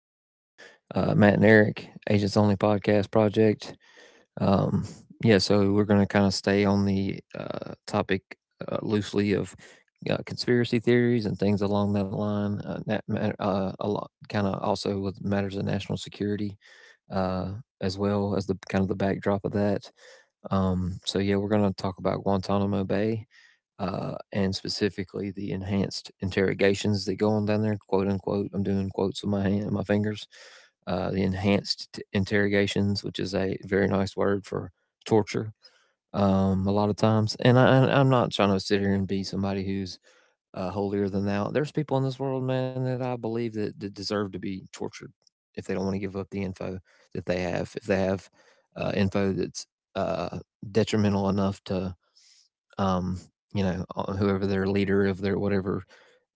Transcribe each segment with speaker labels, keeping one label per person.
Speaker 1: world. Matt and Eric, Agents Only Podcast Project. Um, yeah, so we're going to kind of stay on the topic loosely of conspiracy theories and things along that line. That matter, a lot, kind of also with matters of national security, uh, as well as the kind of the backdrop of that. So we're going to talk about Guantanamo Bay and specifically the enhanced interrogations that go on down there, quote unquote. I'm doing quotes with my hand, my fingers. The enhanced interrogations, which is a very nice word for torture, a lot of times. And I'm not trying to sit here and be somebody who's holier than thou. There's people in this world, man, that I believe that deserve to be tortured if they don't want to give up the info that they have. If they have info that's uh, detrimental enough to um, you know, whoever their leader of their whatever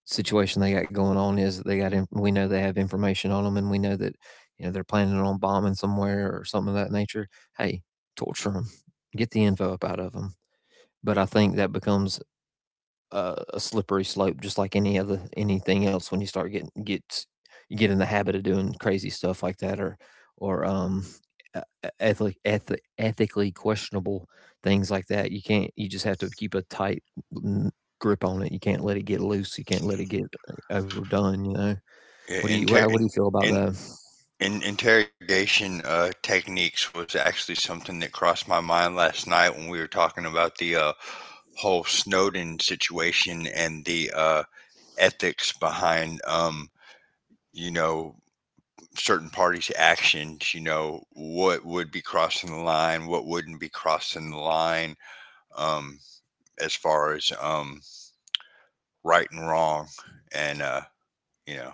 Speaker 1: situation they got going on is. They got in, we know they have information on them, and we know that you know they're planning on bombing somewhere or something of that nature. Hey, torture them, get the info up out of them. But I think that becomes a slippery slope, just like any other anything else. When you start getting get you get in the habit of doing crazy stuff like that, or e- ethically questionable things like that, you can't. You just have to keep a tight n- grip on it. You can't let it get loose. You can't let it get overdone. You know.
Speaker 2: I-
Speaker 1: What do you
Speaker 2: Inter-
Speaker 1: feel
Speaker 2: in,
Speaker 1: about that?
Speaker 2: in, in interrogation techniques was actually something that crossed my mind last night when we were talking about the whole Snowden situation and the ethics behind, you know, certain parties' actions. You know, what would be crossing the line, what wouldn't be crossing the line, um, as far as right and wrong, and you know,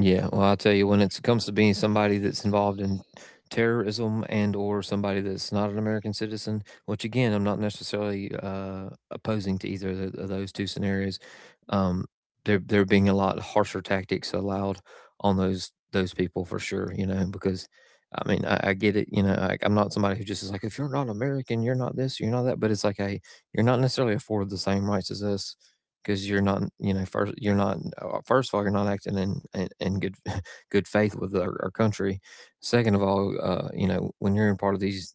Speaker 1: Yeah, well, I'll tell you, when it comes to being somebody that's involved in terrorism and or somebody that's not an American citizen, which again, I'm not necessarily opposing to either of of those two scenarios. Um, there being a lot harsher tactics allowed on those people for sure, you know, because I mean, I get it, you know, like I'm not somebody who just is like, if you're not American, you're not this, you're not that, but it's like, hey, you're not necessarily afforded the same rights as us because you're not, you know, first you're not, first of all, you're not acting in good good faith with our country. Second of all, you know, when you're in part of these,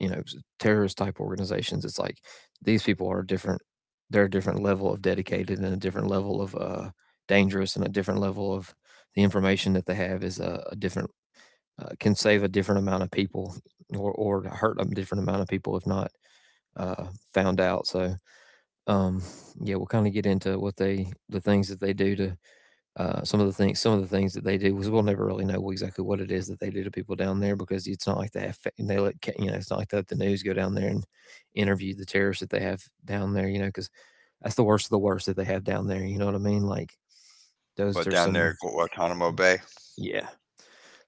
Speaker 1: you know, terrorist type organizations, it's like these people are different. They're a different level of dedicated and a different level of dangerous and a different level of the information that they have is a different can save a different amount of people or hurt a different amount of people if not uh found out. So um, yeah, we'll kind of get into the things that they do to, some of the things that they do, because we'll never really know exactly what it is that they do to people down there, because it's not like they have, they let, you know, it's not like they let the news go down there and interview the terrorists that they have down there, you know, because that's the worst of the worst that they have down there. You know what I mean? Like those
Speaker 2: but
Speaker 1: are
Speaker 2: down
Speaker 1: some,
Speaker 2: there at Guantanamo Bay.
Speaker 1: yeah,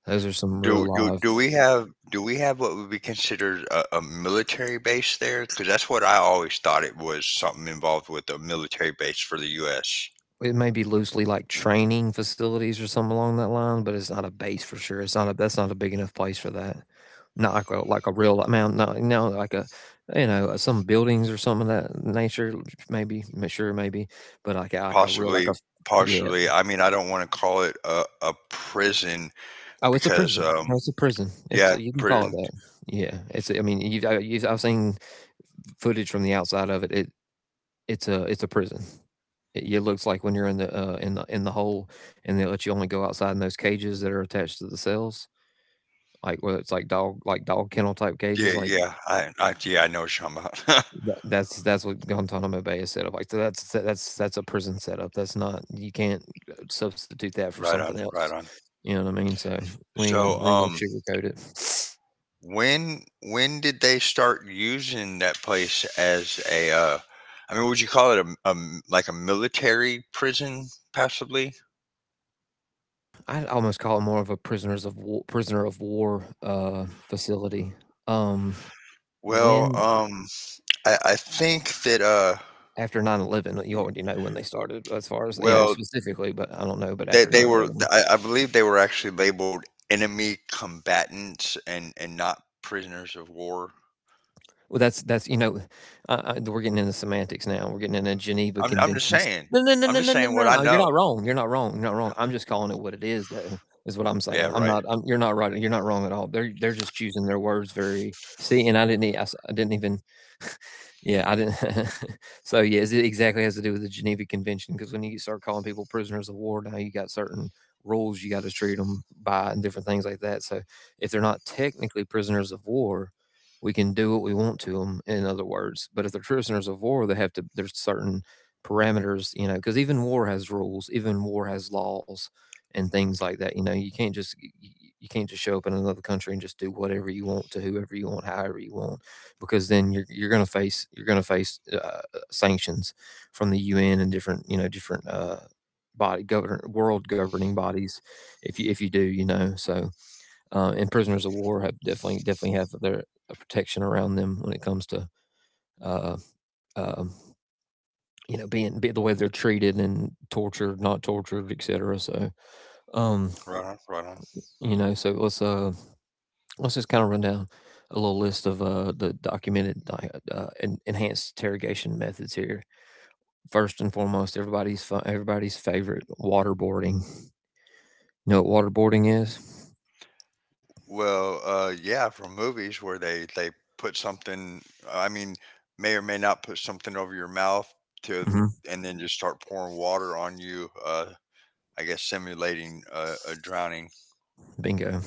Speaker 1: those are some
Speaker 2: Do
Speaker 1: real
Speaker 2: do
Speaker 1: live.
Speaker 2: do we have do we have what would be considered a military base there? Because that's what I always thought, it was something involved with a military base for the U.S.
Speaker 1: It may be loosely like training facilities or something along that line, but it's not a base for sure. It's not a that's not a big enough place for that. Not like a real amount. Not, you know, like a some buildings or something of that nature. Maybe sure maybe, but like like a real like a
Speaker 2: Possibly,
Speaker 1: yeah.
Speaker 2: possibly. I mean, I don't want to call it a prison
Speaker 1: Oh, it's a
Speaker 2: because,
Speaker 1: prison. Oh, it's a prison.
Speaker 2: yeah,
Speaker 1: You
Speaker 2: a
Speaker 1: can call it
Speaker 2: prison.
Speaker 1: that. Yeah, it's. I mean, you've, I've seen footage from the outside of it. It's a prison. It yeah, looks like when you're in the, in the in the hole, and they let you only go outside in those cages that are attached to the cells, like, whether it's, like, dog kennel type
Speaker 2: Yeah,
Speaker 1: cages, like,
Speaker 2: yeah. I yeah, I know what you're talking about.
Speaker 1: that's what Guantanamo Bay is set up like, so that's a prison setup, that's not you can't, substitute that for
Speaker 2: Right
Speaker 1: something
Speaker 2: on,
Speaker 1: else,
Speaker 2: right on.
Speaker 1: you know what I mean? So,
Speaker 2: So,
Speaker 1: we ain't gonna sugarcoat it.
Speaker 2: when did they start using that place as a I mean, would you call it like a military prison, possibly?
Speaker 1: I'd almost call it more of a prisoner of war, facility, um.
Speaker 2: Well,
Speaker 1: When
Speaker 2: I think that
Speaker 1: after 9/11, you already know when they started as far as, you know,
Speaker 2: well,
Speaker 1: specifically, but I don't know, but after nine eleven,
Speaker 2: I believe they were actually labeled enemy combatants and not prisoners of war.
Speaker 1: Well, that's, you know, we're getting into semantics now. We're getting into Geneva
Speaker 2: I'm just
Speaker 1: Conventions.
Speaker 2: saying.
Speaker 1: No, no, no,
Speaker 2: I'm
Speaker 1: no,
Speaker 2: just
Speaker 1: no, no,
Speaker 2: saying what I
Speaker 1: no. You're
Speaker 2: know.
Speaker 1: not wrong. You're not wrong. You're not wrong. I'm just calling it what it is, though, is what I'm
Speaker 2: Yeah,
Speaker 1: saying. I'm
Speaker 2: right.
Speaker 1: not. You're not right. You're not wrong at all. They're just choosing their words very. See, and I didn't. I didn't even. Yeah, I didn't. so yeah, it exactly has to do with the Geneva Convention because when you start calling people prisoners of war, now you got certain rules you got to treat them by and different things like that. So if they're not technically prisoners of war, we can do what we want to them. In other words, but if they're prisoners of war, they have to. There's certain parameters, you know, because even war has rules, even war has laws and things like that. You know, you can't just show up in another country and just do whatever you want to whoever you want, however you want because then you're going to face you're going to face sanctions from the UN and different, you know, different, body govern world governing bodies if you, if you do, you know. So, and prisoners of war have definitely have their a protection around them when it comes to uh, um you know being the way they're treated and tortured, not tortured, etc. So um
Speaker 2: Right on. Right on.
Speaker 1: you know, so let's just kind of run down a little list of the documented enhanced interrogation methods here. First and foremost, everybody's favorite, waterboarding. You know what waterboarding is?
Speaker 2: Well, yeah, from movies where they put something. I mean, may or may not put something over your mouth to,
Speaker 1: Hmm.
Speaker 2: and then just start pouring water on you. I guess simulating a drowning.
Speaker 1: Bingo.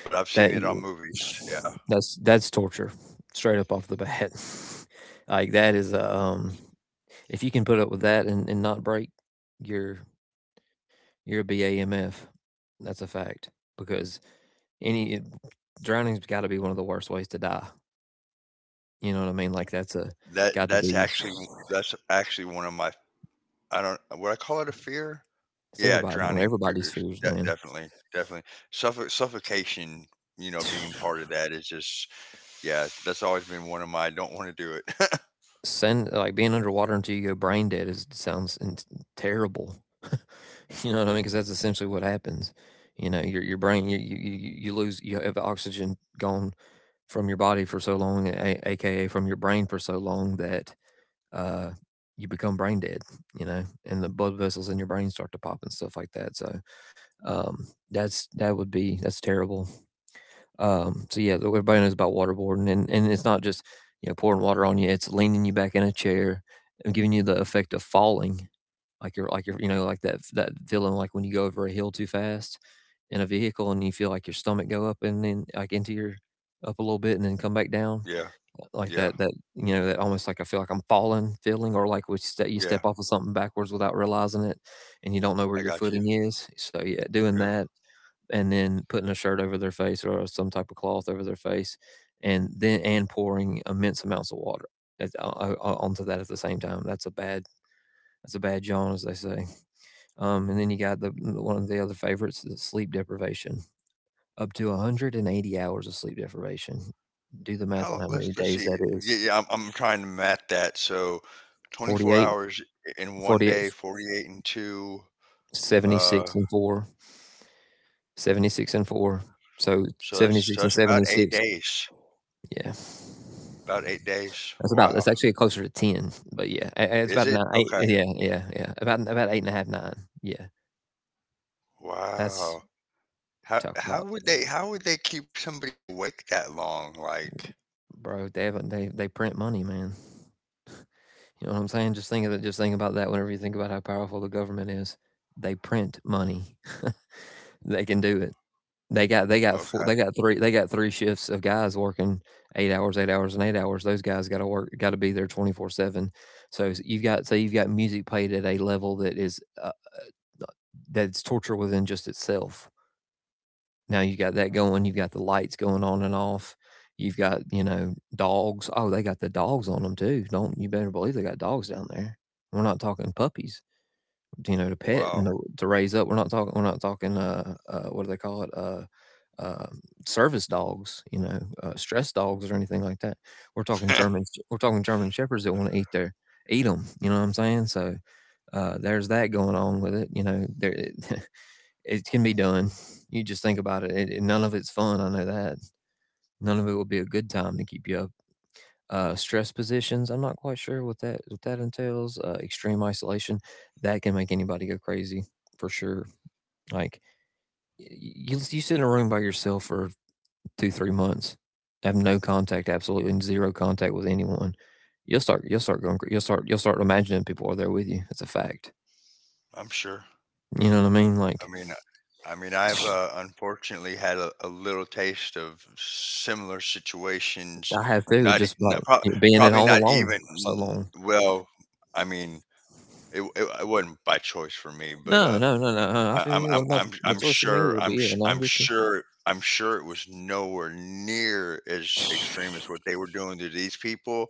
Speaker 2: But I've seen
Speaker 1: That
Speaker 2: it on movies. Yeah,
Speaker 1: that's torture, straight up off the bat. like that is a if you can put up with that and not break, you're you're a BAMF. That's a fact because any it- drowning's got to be one of the worst ways to die. You know what I mean? Like that's a
Speaker 2: that
Speaker 1: got to
Speaker 2: that's
Speaker 1: be
Speaker 2: actually that's actually one of my. I don't, would I call it a fear?
Speaker 1: it's
Speaker 2: Yeah,
Speaker 1: everybody one of
Speaker 2: drowning. Fear,
Speaker 1: everybody's fears, man.
Speaker 2: definitely, definitely. Suffocation. You know, being part of that is just yeah. That's always been one of my. I don't want to do it.
Speaker 1: send like being underwater until you go brain dead is sounds terrible. you know what I mean? Because that's essentially what happens. You know, your brain you you you you- lose you have oxygen gone from your body for so long, aka from your brain for so long that uh you become brain dead. You know, and the blood vessels in your brain start to pop and stuff like that. So that would be that's terrible. So yeah, though everybody knows about waterboarding, and it's not just, you know, pouring water on you; it's leaning you back in a chair and giving you the effect of falling, like you're, you know, like that feeling, like when you go over a hill too fast in a vehicle and you feel like your stomach go up and then like into your up a little bit and then come back down
Speaker 2: Yeah,
Speaker 1: like
Speaker 2: yeah.
Speaker 1: that, you know, that almost like I feel like I'm falling feeling, or like you
Speaker 2: Yeah,
Speaker 1: step off of something backwards without realizing it and you don't know
Speaker 2: I
Speaker 1: where your
Speaker 2: got you.
Speaker 1: footing is, so yeah, doing
Speaker 2: Yeah.
Speaker 1: that and then putting a shirt over their face or some type of cloth over their face, and then and pouring immense amounts of water onto that at the same time. That's a bad yawn, as they say. And then you got the one of the other favorites, the sleep deprivation. Up to 180 hours of sleep deprivation. Do the math on
Speaker 2: How,
Speaker 1: how many
Speaker 2: let's
Speaker 1: days that
Speaker 2: see. Yeah,
Speaker 1: is.
Speaker 2: yeah, I'm trying to map that. So 24
Speaker 1: 48,
Speaker 2: hours in one day,
Speaker 1: forty-eight,
Speaker 2: 48 and two. Uh,
Speaker 1: 76 and 4, 76 and 4. So
Speaker 2: so
Speaker 1: 76 and
Speaker 2: that's about 8
Speaker 1: 76.
Speaker 2: days.
Speaker 1: Yeah.
Speaker 2: About 8 days.
Speaker 1: That's about. That's
Speaker 2: Wow.
Speaker 1: actually closer to ten, but yeah, it's
Speaker 2: Is
Speaker 1: about
Speaker 2: it?
Speaker 1: nine. Eight,
Speaker 2: Okay.
Speaker 1: yeah, yeah, yeah. About eight and a half, nine. Yeah, that's
Speaker 2: Wow. How
Speaker 1: talk about,
Speaker 2: how would they keep somebody awake that long, like
Speaker 1: bro. They have, they print money, man. You know what I'm saying? Just think of it. Just think about that. Whenever you think about how powerful the government is, they print money. They can do it. They got
Speaker 2: okay.
Speaker 1: four, they got three shifts of guys working 8 hours, 8 hours, and 8 hours. Those guys got to work, got to be there 24/7. So you've got music played at a level that is that's torture within just itself. Now you got that going. You've got the lights going on and off. You've got, you know, dogs. Oh, they got the dogs on them too. Don't, you better believe they got dogs down there. We're not talking puppies, you know, to pet
Speaker 2: Wow.
Speaker 1: and to raise up. We're not talking. We're not talking. What do they call it? Uh, Service dogs, you know, stress dogs or anything like that. We're talking German. We're talking German shepherds that want to eat them. You know what I'm saying? So there's that going on with it. You know, there it can be done. You just think about it. None of it's fun. I know that. None of it will be a good time to keep you up. Stress positions. I'm not quite sure what that entails. Extreme isolation that can make anybody go crazy for sure. Like y- you, you sit in a room by yourself for 2 3 months, have no contact, absolutely zero contact with anyone. You'll start imagining people are there with you. It's a fact.
Speaker 2: I'm sure.
Speaker 1: You know what I mean?
Speaker 2: I
Speaker 1: Like
Speaker 2: mean, uh, I mean, I've unfortunately had a little taste of similar situations.
Speaker 1: I have too.
Speaker 2: Not, e-
Speaker 1: Just
Speaker 2: not
Speaker 1: about
Speaker 2: prob-
Speaker 1: being at
Speaker 2: probably
Speaker 1: home
Speaker 2: not
Speaker 1: alone
Speaker 2: even.
Speaker 1: for so long.
Speaker 2: Well, I mean, it wasn't by choice for me, but
Speaker 1: No, no, no, no, no, I
Speaker 2: I,
Speaker 1: feel you. What about the
Speaker 2: I'm
Speaker 1: social
Speaker 2: sure,
Speaker 1: media? But
Speaker 2: I'm,
Speaker 1: yeah,
Speaker 2: sh-
Speaker 1: no, I get you.
Speaker 2: I'm sure it was nowhere near as extreme as what they were doing to these people,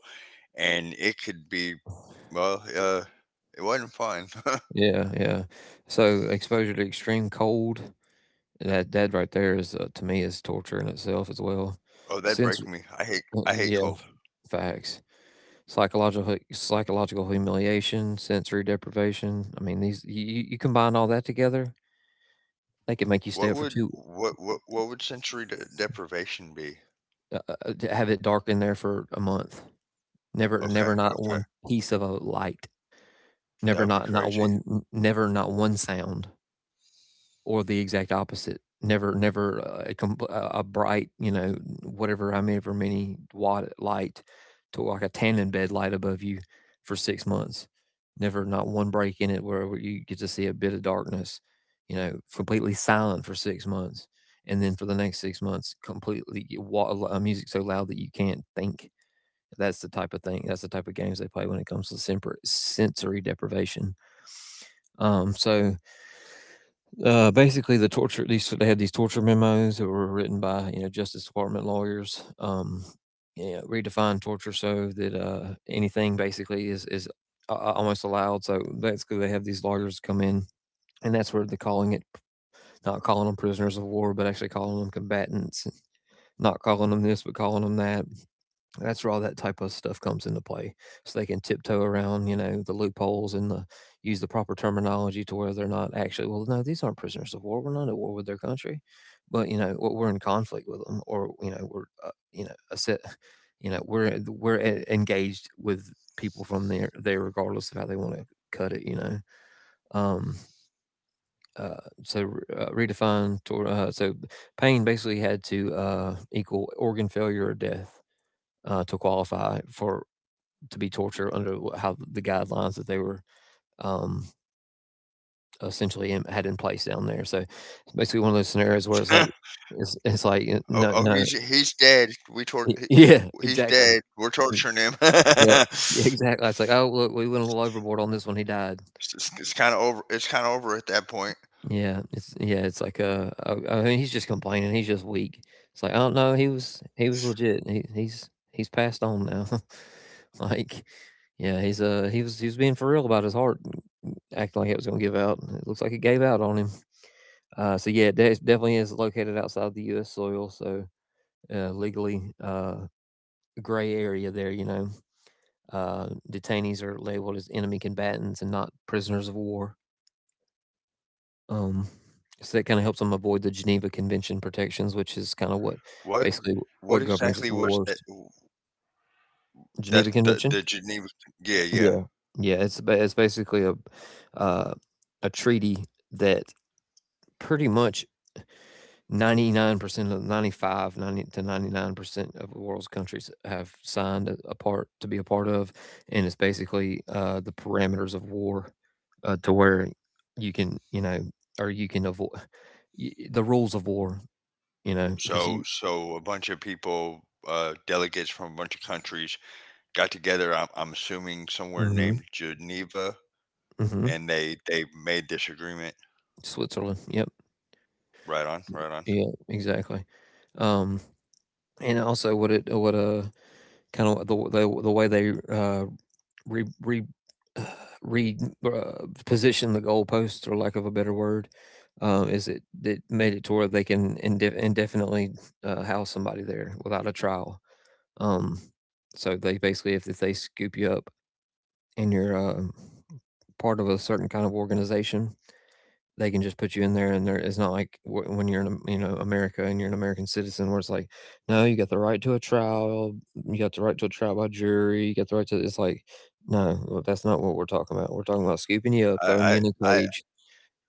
Speaker 2: and it could be, well, it wasn't fun.
Speaker 1: Yeah, yeah. So exposure to extreme cold, that right there is, to me, is torture in itself as well.
Speaker 2: Oh, that'd
Speaker 1: Since
Speaker 2: break me. I hate
Speaker 1: yeah,
Speaker 2: cold.
Speaker 1: facts. Psychological humiliation, sensory deprivation. I mean, these you combine all that together, they could make you stay up for two,
Speaker 2: What would sensory de deprivation be?
Speaker 1: uh, to have it dark in there for a month. Never,
Speaker 2: Okay,
Speaker 1: never, not one
Speaker 2: okay.
Speaker 1: piece of a light. Never,
Speaker 2: That'd be
Speaker 1: not
Speaker 2: crazy,
Speaker 1: one, never, not one sound. Or the exact opposite. Never, never a bright, you know, whatever, however many watt light, to like a tannin bed light above you for 6 months. Never, not one break in it where you get to see a bit of darkness, you know, completely silent for 6 months. And then for the next 6 months, completely music so loud that you can't think. That's the type of thing. That's the type of games they play when it comes to sensory deprivation. Um, so Basically, the torture, these they had these torture memos that were written by, you know, Justice Department lawyers. Yeah, redefine torture so that anything basically is almost allowed. So basically, they have these lawyers come in, and that's where they're calling it, not calling them prisoners of war, but actually calling them combatants. Not calling them this, but calling them that. That's where all that type of stuff comes into play. So they can tiptoe around, you know, the loopholes and the, use the proper terminology to where they're not actually, well, no, these aren't prisoners of war. We're not at war with their country, but you know,
Speaker 2: right?
Speaker 1: we're in conflict with them, or you know, we're, you know, a set, you know, we're engaged with people from there regardless of how they want to cut it, you know. Um, uh, so Redefine so pain basically had to equal organ failure or death, to qualify for, to be torture under how the guidelines that they were, um, essentially had in place down there. So it's basically one of those scenarios where it's like, it's like,
Speaker 2: Oh, oh,
Speaker 1: no, no,
Speaker 2: he's dead. We tort
Speaker 1: yeah,
Speaker 2: he- he's
Speaker 1: exactly.
Speaker 2: dead. We're torturing him.
Speaker 1: Yeah, yeah, exactly. It's like, oh, look, we went a little overboard on this one. He died.
Speaker 2: It's kind of over. It's kind of over at that point.
Speaker 1: Yeah, it's like I mean, he's just complaining. He's just weak. It's like, oh no, he was legit. He's passed on now. Like, yeah, he's he was being for real about his heart, acting like it was gonna give out. It looks like it gave out on him. So yeah, it definitely is located outside the U.S. soil, so legally gray area there. You know, detainees are labeled as enemy combatants and not prisoners of war. Um, so that kinda helps them avoid the Geneva Convention protections, which is kinda what
Speaker 2: What
Speaker 1: basically
Speaker 2: what
Speaker 1: what governs
Speaker 2: exactly
Speaker 1: the
Speaker 2: was that?
Speaker 1: wars.
Speaker 2: That's
Speaker 1: Geneva
Speaker 2: the
Speaker 1: Convention?
Speaker 2: Geneva. Yeah, yeah.
Speaker 1: Yeah. Yeah, it's basically uh, a treaty that pretty much 99% of ninety-five, ninety five ninety to 99% of the world's countries have signed, a part to be a part of, and it's basically, the parameters of war, to where you can, you know, or you can avoid the rules of war. You know, because
Speaker 2: So
Speaker 1: you
Speaker 2: so a bunch of people, delegates from a bunch of countries, got together. I'm assuming somewhere
Speaker 1: Mhm,
Speaker 2: named Geneva,
Speaker 1: mhm.
Speaker 2: and they made this agreement.
Speaker 1: Switzerland, yep.
Speaker 2: Right on, right on.
Speaker 1: Yeah, exactly. Um, and also what it what, kinda the way they, re re uh, re position the goalposts, or lack of a better word, is it that made it to where they can indefinitely, house somebody there without a trial. Um, so they basically, if they scoop you up and you're, part of a certain kind of organization, they can just put you in there, and there it's not like when you're in, you know, America, and you're an American citizen, where it's like no, you got the right to a trial. You got the right to a trial by jury. You got the right to, it's like no, well, that's not what we're talking about. We're talking about scooping you up, throwing you
Speaker 2: I,
Speaker 1: in a
Speaker 2: I, I,
Speaker 1: cage.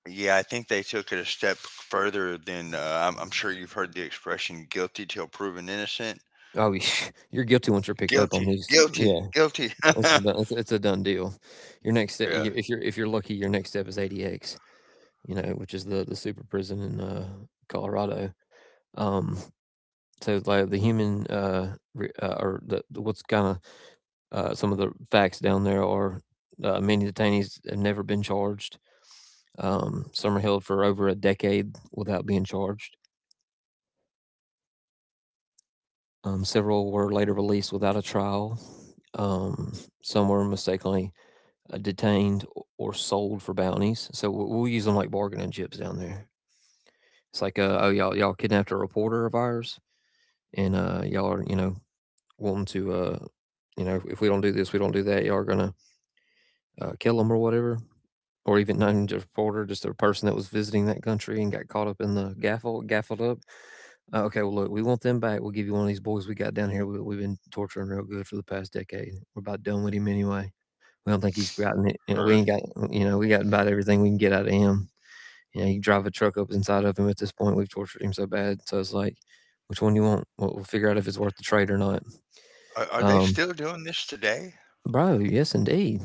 Speaker 2: yeah, I think they took it a step further than I'm sure you've heard the expression "guilty till proven innocent."
Speaker 1: oh you- you're guilty once you're picked up on
Speaker 2: Guilty,
Speaker 1: these,
Speaker 2: guilty,
Speaker 1: yeah,
Speaker 2: guilty.
Speaker 1: this is a done- it's a done deal. Your next step,
Speaker 2: Yeah,
Speaker 1: if you're lucky, your next step is ADX, you know, which is the super prison in Colorado. um so like the human or the what's kind of, some of the facts down there are, many detainees have never been charged. Some are held for over a decade without being charged. Several were later released without a trial. Um, some were mistakenly detained or sold for bounties. So we'll use them like bargaining chips down there. It's like, oh, y'all, y'all kidnapped a reporter of ours, and y'all are, you know, wanting to, you know, if we don't do this, we don't do that, y'all are gonna kill them or whatever. Or even not even just a reporter, just a person that was visiting that country and got caught up in the gaffled up. Okay, well, look, we want them back. We'll give you one of these boys we got down here. We, we've been torturing real good for the past decade. We're about done with him anyway. We don't think he's gotten it. You know, we
Speaker 2: heard.
Speaker 1: ain't got, you know, we got about everything we can get out of him. You know, you drive a truck up inside of him at this point. We've tortured him so bad. So it's like, which one you want? We'll figure out if it's worth the trade or not.
Speaker 2: Are they
Speaker 1: Um,
Speaker 2: still doing this today?
Speaker 1: Bro, yes, indeed.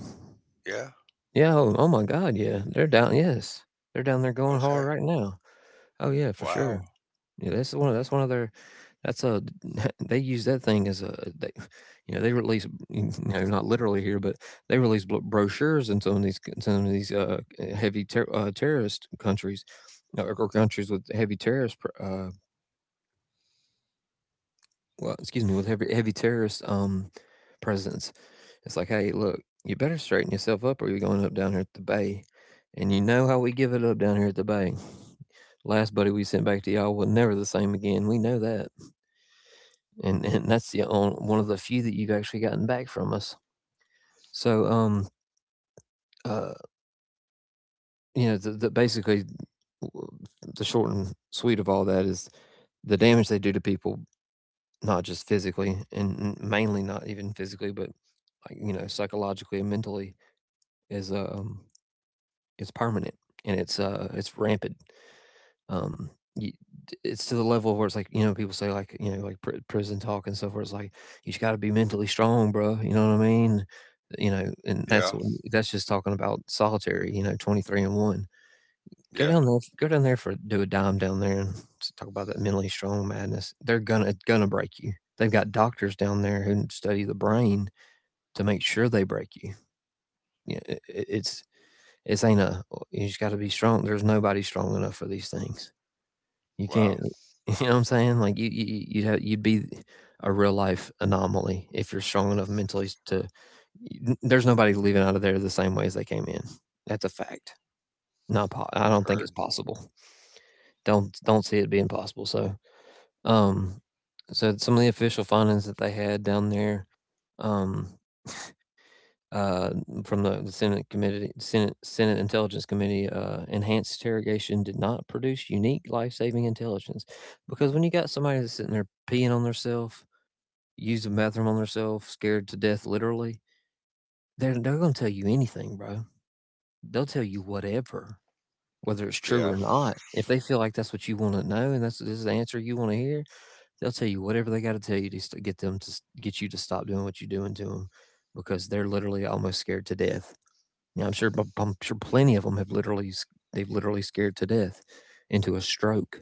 Speaker 2: Yeah.
Speaker 1: Yeah. Oh, oh my God. Yeah. They're down. Yes. They're down there going hard
Speaker 2: Okay.
Speaker 1: right now. Oh, yeah, for sure.
Speaker 2: Wow.
Speaker 1: Yeah, that's one, that's one of their, that's a they use that thing as a, they, you know, they release, you know, not literally here, but they release brochures in some of these c some of these, heavy terrorist countries, or countries with heavy terrorist pr well, excuse me, with heavy, heavy terrorist presence. It's like, hey, look, you better straighten yourself up, or you're going up down here at the bay, and you know how we give it up down here at the bay. Last buddy we sent back to y'all was never the same again. We know that, and that's the one of the few that you've actually gotten back from us. So, uh, you know, the basically the short and sweet of all that is the damage they do to people, not just physically, and mainly not even physically, but psychologically and mentally is it's permanent, and it's rampant. um you, it's to the level where it's like, people say, like prison talk and stuff, where it's like, you just got to be mentally strong, bro, you know what I mean? You know, and that's
Speaker 2: Yeah.
Speaker 1: that's just talking about solitary, you know, 23 and 1. Go
Speaker 2: Yeah.
Speaker 1: down there, for do a dime down there and s talk about that mentally strong madness. They're gonna It's gonna break you. They've got doctors down there who study the brain to make sure they break you. Yeah, I it's ain't a, oh, you just gotta be strong. There's nobody strong enough for these things. You
Speaker 2: Wow.
Speaker 1: can't. You know what I'm saying? Like, you would have, you'd be a real life anomaly if you're strong enough mentally to n there's nobody leaving out of there the same way as they came in. That's a fact. Not po I don't think
Speaker 2: Heard.
Speaker 1: it's possible. Don't see it being possible. So, um, so some of the official findings that they had down there, um, uh, from the Senate Committee, Senate Intelligence Committee, enhanced interrogation did not produce unique life-saving intelligence, because when you got somebody that's sitting there peeing on theirself, using the bathroom on theirself, scared to death literally, they're gonna tell you anything, bro. They'll tell you whatever, whether it's true
Speaker 2: Yeah.
Speaker 1: or not. If they feel like that's what you wanna know, and that's this is the answer you wanna hear, they'll tell you whatever they gotta tell you to st get them to s get you to stop doing what you're doing to them, because they're literally almost scared to death. Now, I'm sure plenty of them have literally s they've literally scared to death into a stroke.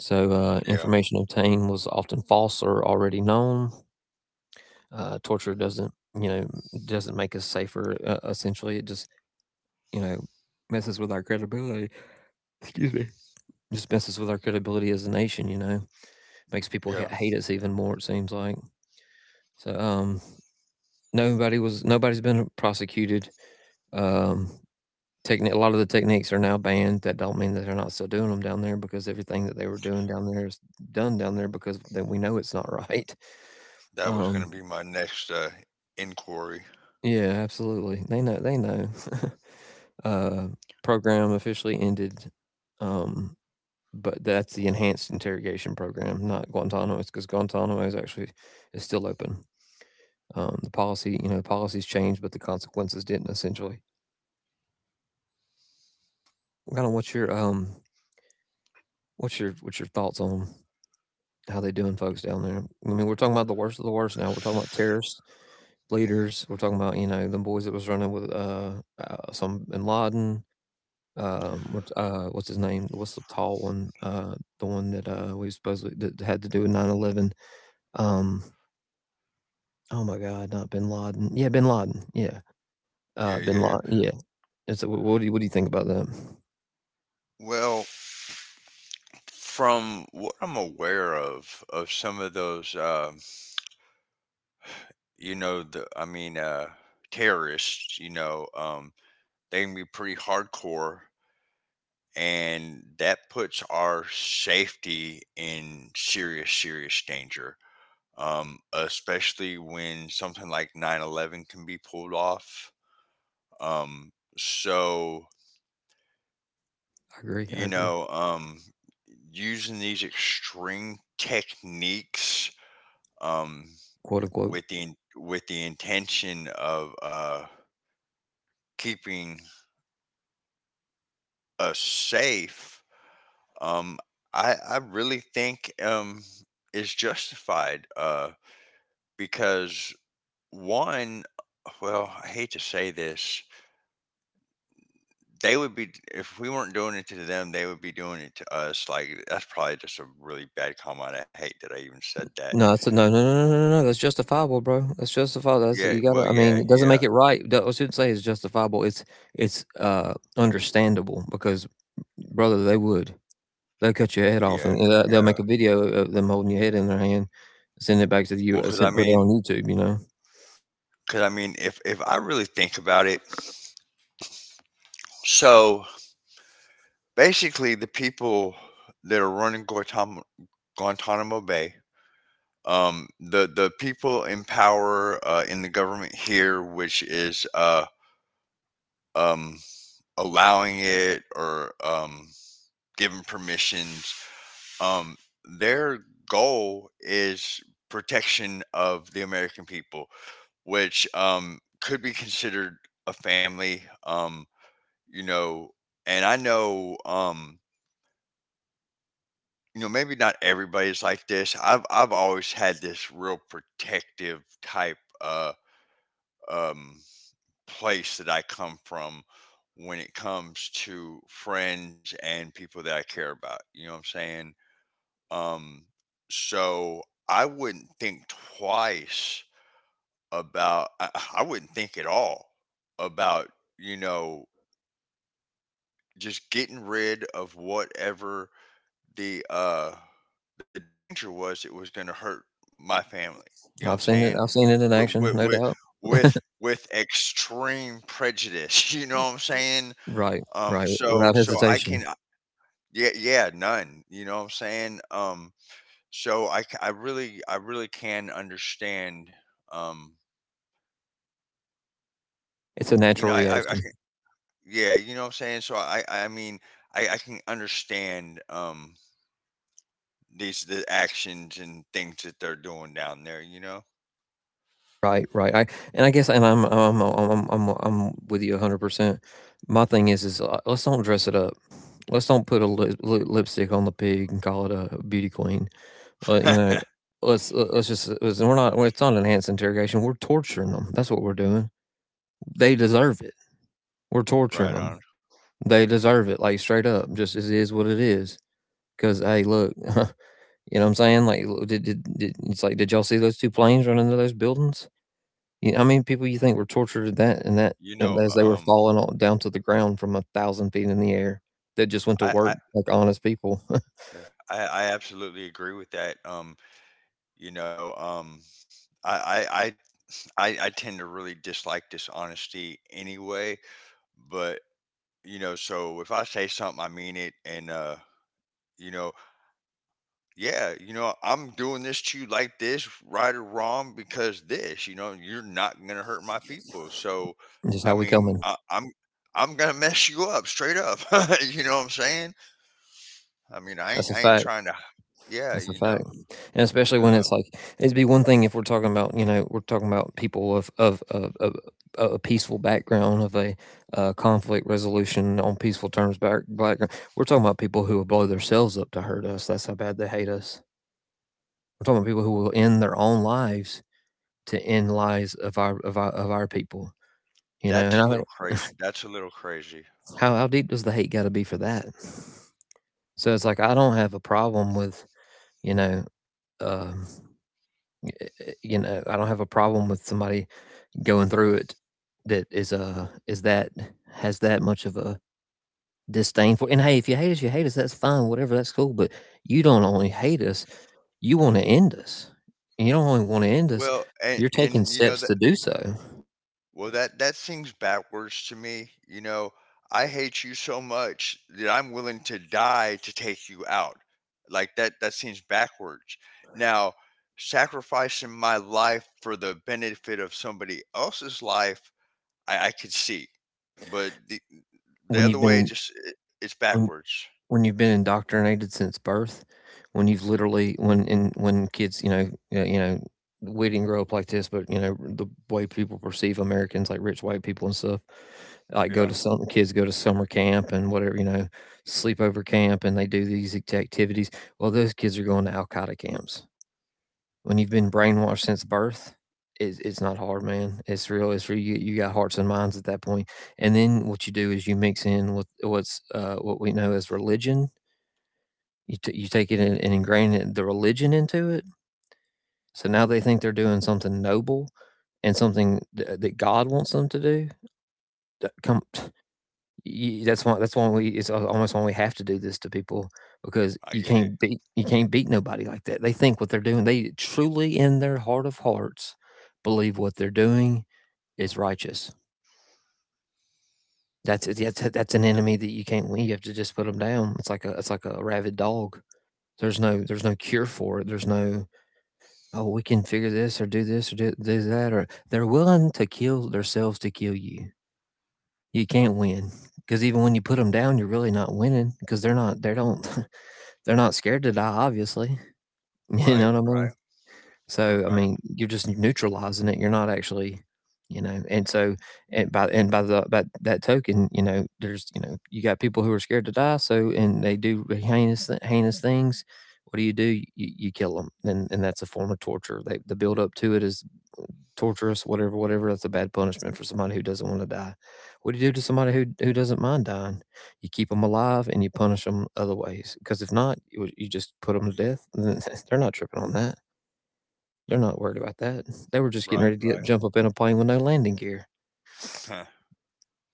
Speaker 1: So,
Speaker 2: Yeah.
Speaker 1: information obtained was often false or already known. Torture doesn't, doesn't make us safer, essentially. It just, you know, messes with our credibility. Excuse me. Just messes with our credibility as a nation, you know? Makes people ha
Speaker 2: Yeah.
Speaker 1: hate us even more, it seems like. So, nobody's been prosecuted. Um, a lot of the techniques are now banned. That don't mean that they're not still doing them down there, because everything that they were doing down there is done down there because then we know it's not right.
Speaker 2: That was going
Speaker 1: Um,
Speaker 2: to be my next inquiry.
Speaker 1: yeah, absolutely. They know. They know. uh, Program officially ended, um, but that's the enhanced interrogation program, not Guantanamo, because Guantanamo is actually is still open. The policy, you know, policies changed, but the consequences didn't. Essentially, kind of what's your um what's your, what's your thoughts on how they doing folks down there? I mean, we're talking about the worst of the worst now. We're talking about terrorist leaders. We're talking about, you know, the boys that was running with some bin Laden. What's his name? What's the tall one? The one that we supposedly that had to do with 9/11. Um, oh my God, not bin Laden. Yeah, bin Laden. Yeah,
Speaker 2: Yeah. Yeah.
Speaker 1: bin
Speaker 2: Yeah.
Speaker 1: Laden. Yeah. What do you, what do you think about that?
Speaker 2: Well, from what I'm aware of some of those. You know, the I mean terrorists, you know, they can be pretty hardcore, and that puts our safety in serious, serious danger, especially when something like 9/11 can be pulled off, um so
Speaker 1: I agree. I
Speaker 2: you
Speaker 1: agree.
Speaker 2: know, using these extreme techniques, um
Speaker 1: Quote unquote.
Speaker 2: with the with the intention of keeping a safe, um, I really think is justified because one, well, I hate to say this, they would be, if we weren't doing it to them, they would be doing it to us. Like, that's probably just a really bad comment. I hate that I even said that.
Speaker 1: No, that's a, no, no, no, no, no, no. That's justifiable, bro. That's justifiable. That's, you
Speaker 2: Yeah,
Speaker 1: gotta, I
Speaker 2: well,
Speaker 1: mean,
Speaker 2: yeah,
Speaker 1: it doesn't make it
Speaker 2: yeah,
Speaker 1: right. I shouldn't say it's justifiable. It's understandable, because, brother, they'll cut your head off,
Speaker 2: yeah,
Speaker 1: and they'll
Speaker 2: yeah.
Speaker 1: make a video of them holding your head in their hand, send it back to the U.
Speaker 2: Well,
Speaker 1: Send, put it on YouTube. You know,
Speaker 2: because I mean, if I really think about it, so basically the people that are running Guantanamo Bay. The people in power in the government here, which is um, allowing it or giving permissions, um, their goal is protection of the American people, which could be considered a family. You know, and I know you know, maybe not everybody's like this. I've always had this real protective type um, place that I come from when it comes to friends and people that I care about. You know what I'm saying? Um, so I wouldn't think twice about, I wouldn't think at all about, you know, just getting rid of whatever the uh the danger was, it was going to hurt my family, you know what I'm
Speaker 1: I've seen it.
Speaker 2: saying,
Speaker 1: I've seen it in
Speaker 2: with
Speaker 1: action,
Speaker 2: with
Speaker 1: no
Speaker 2: with
Speaker 1: doubt.
Speaker 2: with extreme prejudice, you know what I'm saying,
Speaker 1: Right, right, without
Speaker 2: I
Speaker 1: hesitation.
Speaker 2: can yeah, yeah, none, you know what I'm saying, so I really, I really can understand, um
Speaker 1: It's a
Speaker 2: you know,
Speaker 1: natural
Speaker 2: I
Speaker 1: reaction.
Speaker 2: can, yeah, you know what I'm saying, so I can understand these, the actions and things that they're doing down there, you know.
Speaker 1: Right, right. I and I guess and I'm with you 100%. My thing is, let's don't dress it up. Let's don't put a lipstick on the pig and call it a beauty queen. You know, let's just let's, we're not well, it's not an enhanced interrogation. We're torturing them. That's what we're doing. They deserve it. We're torturing
Speaker 2: Right on.
Speaker 1: them. They deserve it. Like straight up, just as it is what it is. Because, hey, look, you know what I'm saying? Like, did it's like did y'all see those two planes running into those buildings? You know, I mean, people you think were tortured at that, and that
Speaker 2: You
Speaker 1: and
Speaker 2: know,
Speaker 1: as they were falling on down to the ground from 1,000 feet in the air that just went to
Speaker 2: I,
Speaker 1: work
Speaker 2: I,
Speaker 1: like honest people.
Speaker 2: yeah, I absolutely agree with that. You know, I, I, I, I tend to really dislike dishonesty anyway. But you know, so if I say something, I mean it, and you know, yeah, you know, I'm doing this to you like this, right or wrong, because this, you know, you're not gonna hurt my people. So,
Speaker 1: Just
Speaker 2: I
Speaker 1: how we
Speaker 2: mean,
Speaker 1: coming.
Speaker 2: I'm gonna mess you up straight up. You know what I'm saying? I mean,
Speaker 1: That's a
Speaker 2: I ain't
Speaker 1: fact.
Speaker 2: trying to yeah,
Speaker 1: That's a
Speaker 2: you
Speaker 1: fact.
Speaker 2: know?
Speaker 1: And especially when it's
Speaker 2: Yeah.
Speaker 1: like, it'd be one thing if we're talking about, you know, we're talking about people of a peaceful background, of a, conflict resolution on peaceful terms background. We're talking about people who will blow themselves up to hurt us. That's how bad they hate us. We're talking about people who will end their own lives to end lives of our people, you know, and I think
Speaker 2: That's a little crazy.
Speaker 1: how deep does the hate gotta be for that? So it's like, I don't have a problem with, you know, um, you know, I don't have a problem with somebody going through it that is that has that much of a disdain for, and hey, if you hate us, you hate us, that's fine, whatever, that's cool, but you don't only hate us, you wanna end us. And you don't only wanna end us,
Speaker 2: Well,
Speaker 1: you're taking
Speaker 2: and, you know,
Speaker 1: steps
Speaker 2: that
Speaker 1: to do so.
Speaker 2: well, that that seems backwards to me, you know? "I hate you so much that I'm willing to die to take you out." Like, that that seems backwards. Now, sacrificing my life for the benefit of somebody else's life, I could see, but the
Speaker 1: when
Speaker 2: other
Speaker 1: you've
Speaker 2: way
Speaker 1: been
Speaker 2: just I it's
Speaker 1: when
Speaker 2: backwards.
Speaker 1: when you've been indoctrinated since birth, when you've literally when in when kids, you know, we didn't grow up like this, but you know, the way people perceive Americans, like rich white people and stuff, like go to
Speaker 2: Yeah,
Speaker 1: some kids go to summer camp and whatever, you know, sleepover camp, and they do these activities. Well, those kids are going to Al Qaeda camps. When you've been brainwashed since birth, it's not hard, man. It's real. It's real. You got hearts and minds at that point, and then what you do is you mix in with what's, what we know as religion. You take it and ingrain it the religion into it, so now they think they're doing something noble and something that God wants them to do. That come y that's why, that's why we, it's al almost why we have to do this to people, because you
Speaker 2: I get
Speaker 1: can't
Speaker 2: it.
Speaker 1: beat, you can't beat nobody like that. They think what they're doing, they truly in their heart of hearts believe what they're doing is righteous. That's that's an enemy that you can't win, you have to just put them down. It's like a, it's like a rabid dog. There's no, there's no cure for it, there's no, "Oh, we can figure this, or do this, or do, do that," or they're willing to kill themselves to kill you. You can't win, because even when you put them down, you're really not winning because they don't they're not scared to die. Obviously. You know what
Speaker 2: Right,
Speaker 1: I mean.
Speaker 2: right,
Speaker 1: So I
Speaker 2: right,
Speaker 1: mean, you're just neutralizing it. You're not actually, you know. And so, and by the by that token, you know, you got people who are scared to die. So, and they do heinous heinous things. What do you do? You kill them, and that's a form of torture. They, the build up to it is torturous, whatever, whatever. That's a bad punishment for somebody who doesn't want to die. What do you do to somebody who doesn't mind dying? You keep them alive and you punish them other ways. Because if not, you just put them to death. They're not tripping on that. They're not worried about that. They were just getting ready to
Speaker 2: right, right.
Speaker 1: jump up in a plane with no landing gear.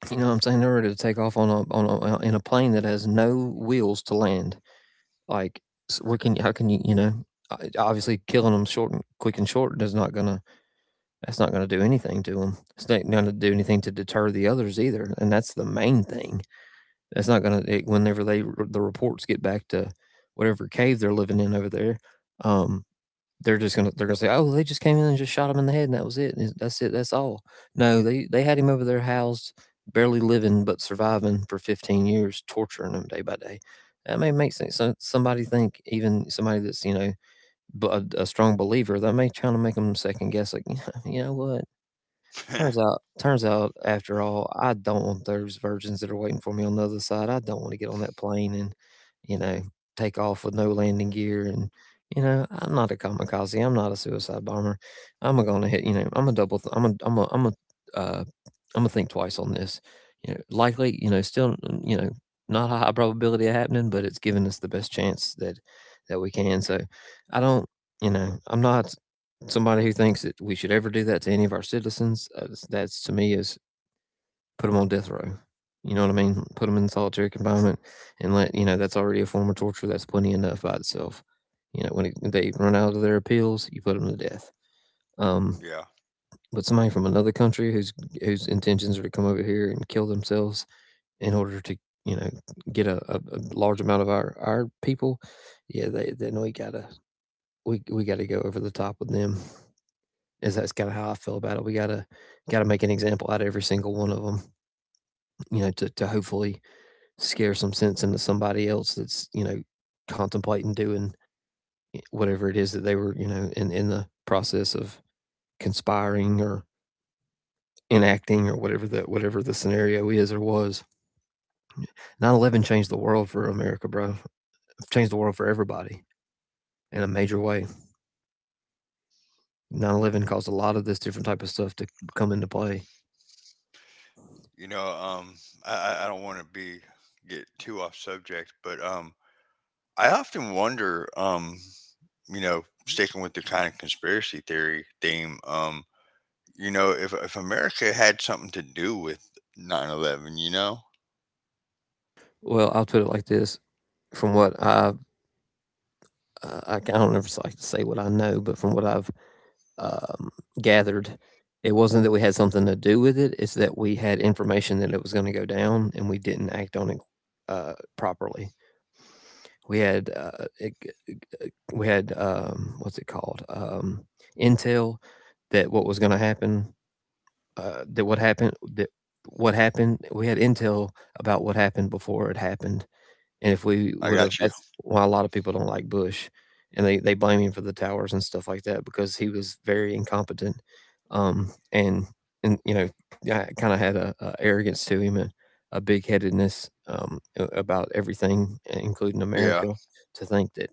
Speaker 1: You know what I'm saying? They're ready to take off on a, in a plane that has no wheels to land. Like, s- what can how can you, you know? Obviously, killing them short and quick and short is not gonna, that's not going to do anything to them. It's not going to do anything to deter the others either, and that's the main thing. That's not going to. Whenever the reports get back to whatever cave they're living in over there, um, they're just gonna, they're gonna say, oh, they just came in and just shot him in the head, and that was it. And That's it. That's all. No, they had him over there housed, barely living but surviving for 15 years, torturing him day by day. That may make sense. So somebody think, even somebody that's a strong believer, that may try to make them second guess, like you know what? Turns out, after all, I don't want those virgins that are waiting for me on the other side. I don't want to get on that plane and, you know, take off with no
Speaker 2: Well,
Speaker 1: landing gear. And, I'm not a kamikaze. I'm not a suicide bomber. I'm gonna hit. You know, I'm a double. Th- I'm a. I'm a. I'm a. Uh, I'm gonna think twice on this. You know, likely. You know, still. You know, not a high probability of happening, but it's giving us the best chance that we can. So, I don't. You know, I'm not. Somebody who thinks that we should ever do that to any of our citizens, that's, to me, is put them on death row. You know what I mean? Put them in solitary confinement, and let that's already a form of torture. That's plenty enough by itself. You know, when it, they run out of their appeals, you put them to death. Um,
Speaker 2: yeah.
Speaker 1: but somebody from another country whose intentions are to come over here and kill themselves in order to you know get a large amount of our people, yeah, they, then we gotta go over the top with them. Is that's kind of how I feel about it. We gotta Gotta make an example out of every single one of them, you know, to hopefully scare some sense into somebody else that's, you know, contemplating doing whatever it is that they were, you know, in the process of conspiring or enacting, or whatever the scenario is or was. 9-11 changed the world for America, bro. Changed the world for everybody in a major way. 9-11 caused a lot of this different type of stuff to come into play.
Speaker 2: You know, I don't want to be get too off subject, but I often wonder, you know, sticking with the kind of conspiracy theory theme, you know, if America had something to do with 9/11, you know,
Speaker 1: Well, I'll put it like this: from what I've, I don't ever like to say what I know, but from what I've um, gathered, it wasn't that we had something to do with it; it's that we had information that it was going to go down, and we didn't act on it properly. We had uh, it, we had, what's it called, intel that what was going to happen, that what happened we had intel about what happened before it happened. And if we would
Speaker 2: I
Speaker 1: have,
Speaker 2: got
Speaker 1: that's
Speaker 2: you.
Speaker 1: why a lot of people don't like Bush, and they blame him for the towers and stuff like that, because he was very incompetent, um and and, you know, kind of had a arrogance to him, and a big headedness, about everything, including America.
Speaker 2: Yeah,
Speaker 1: To think that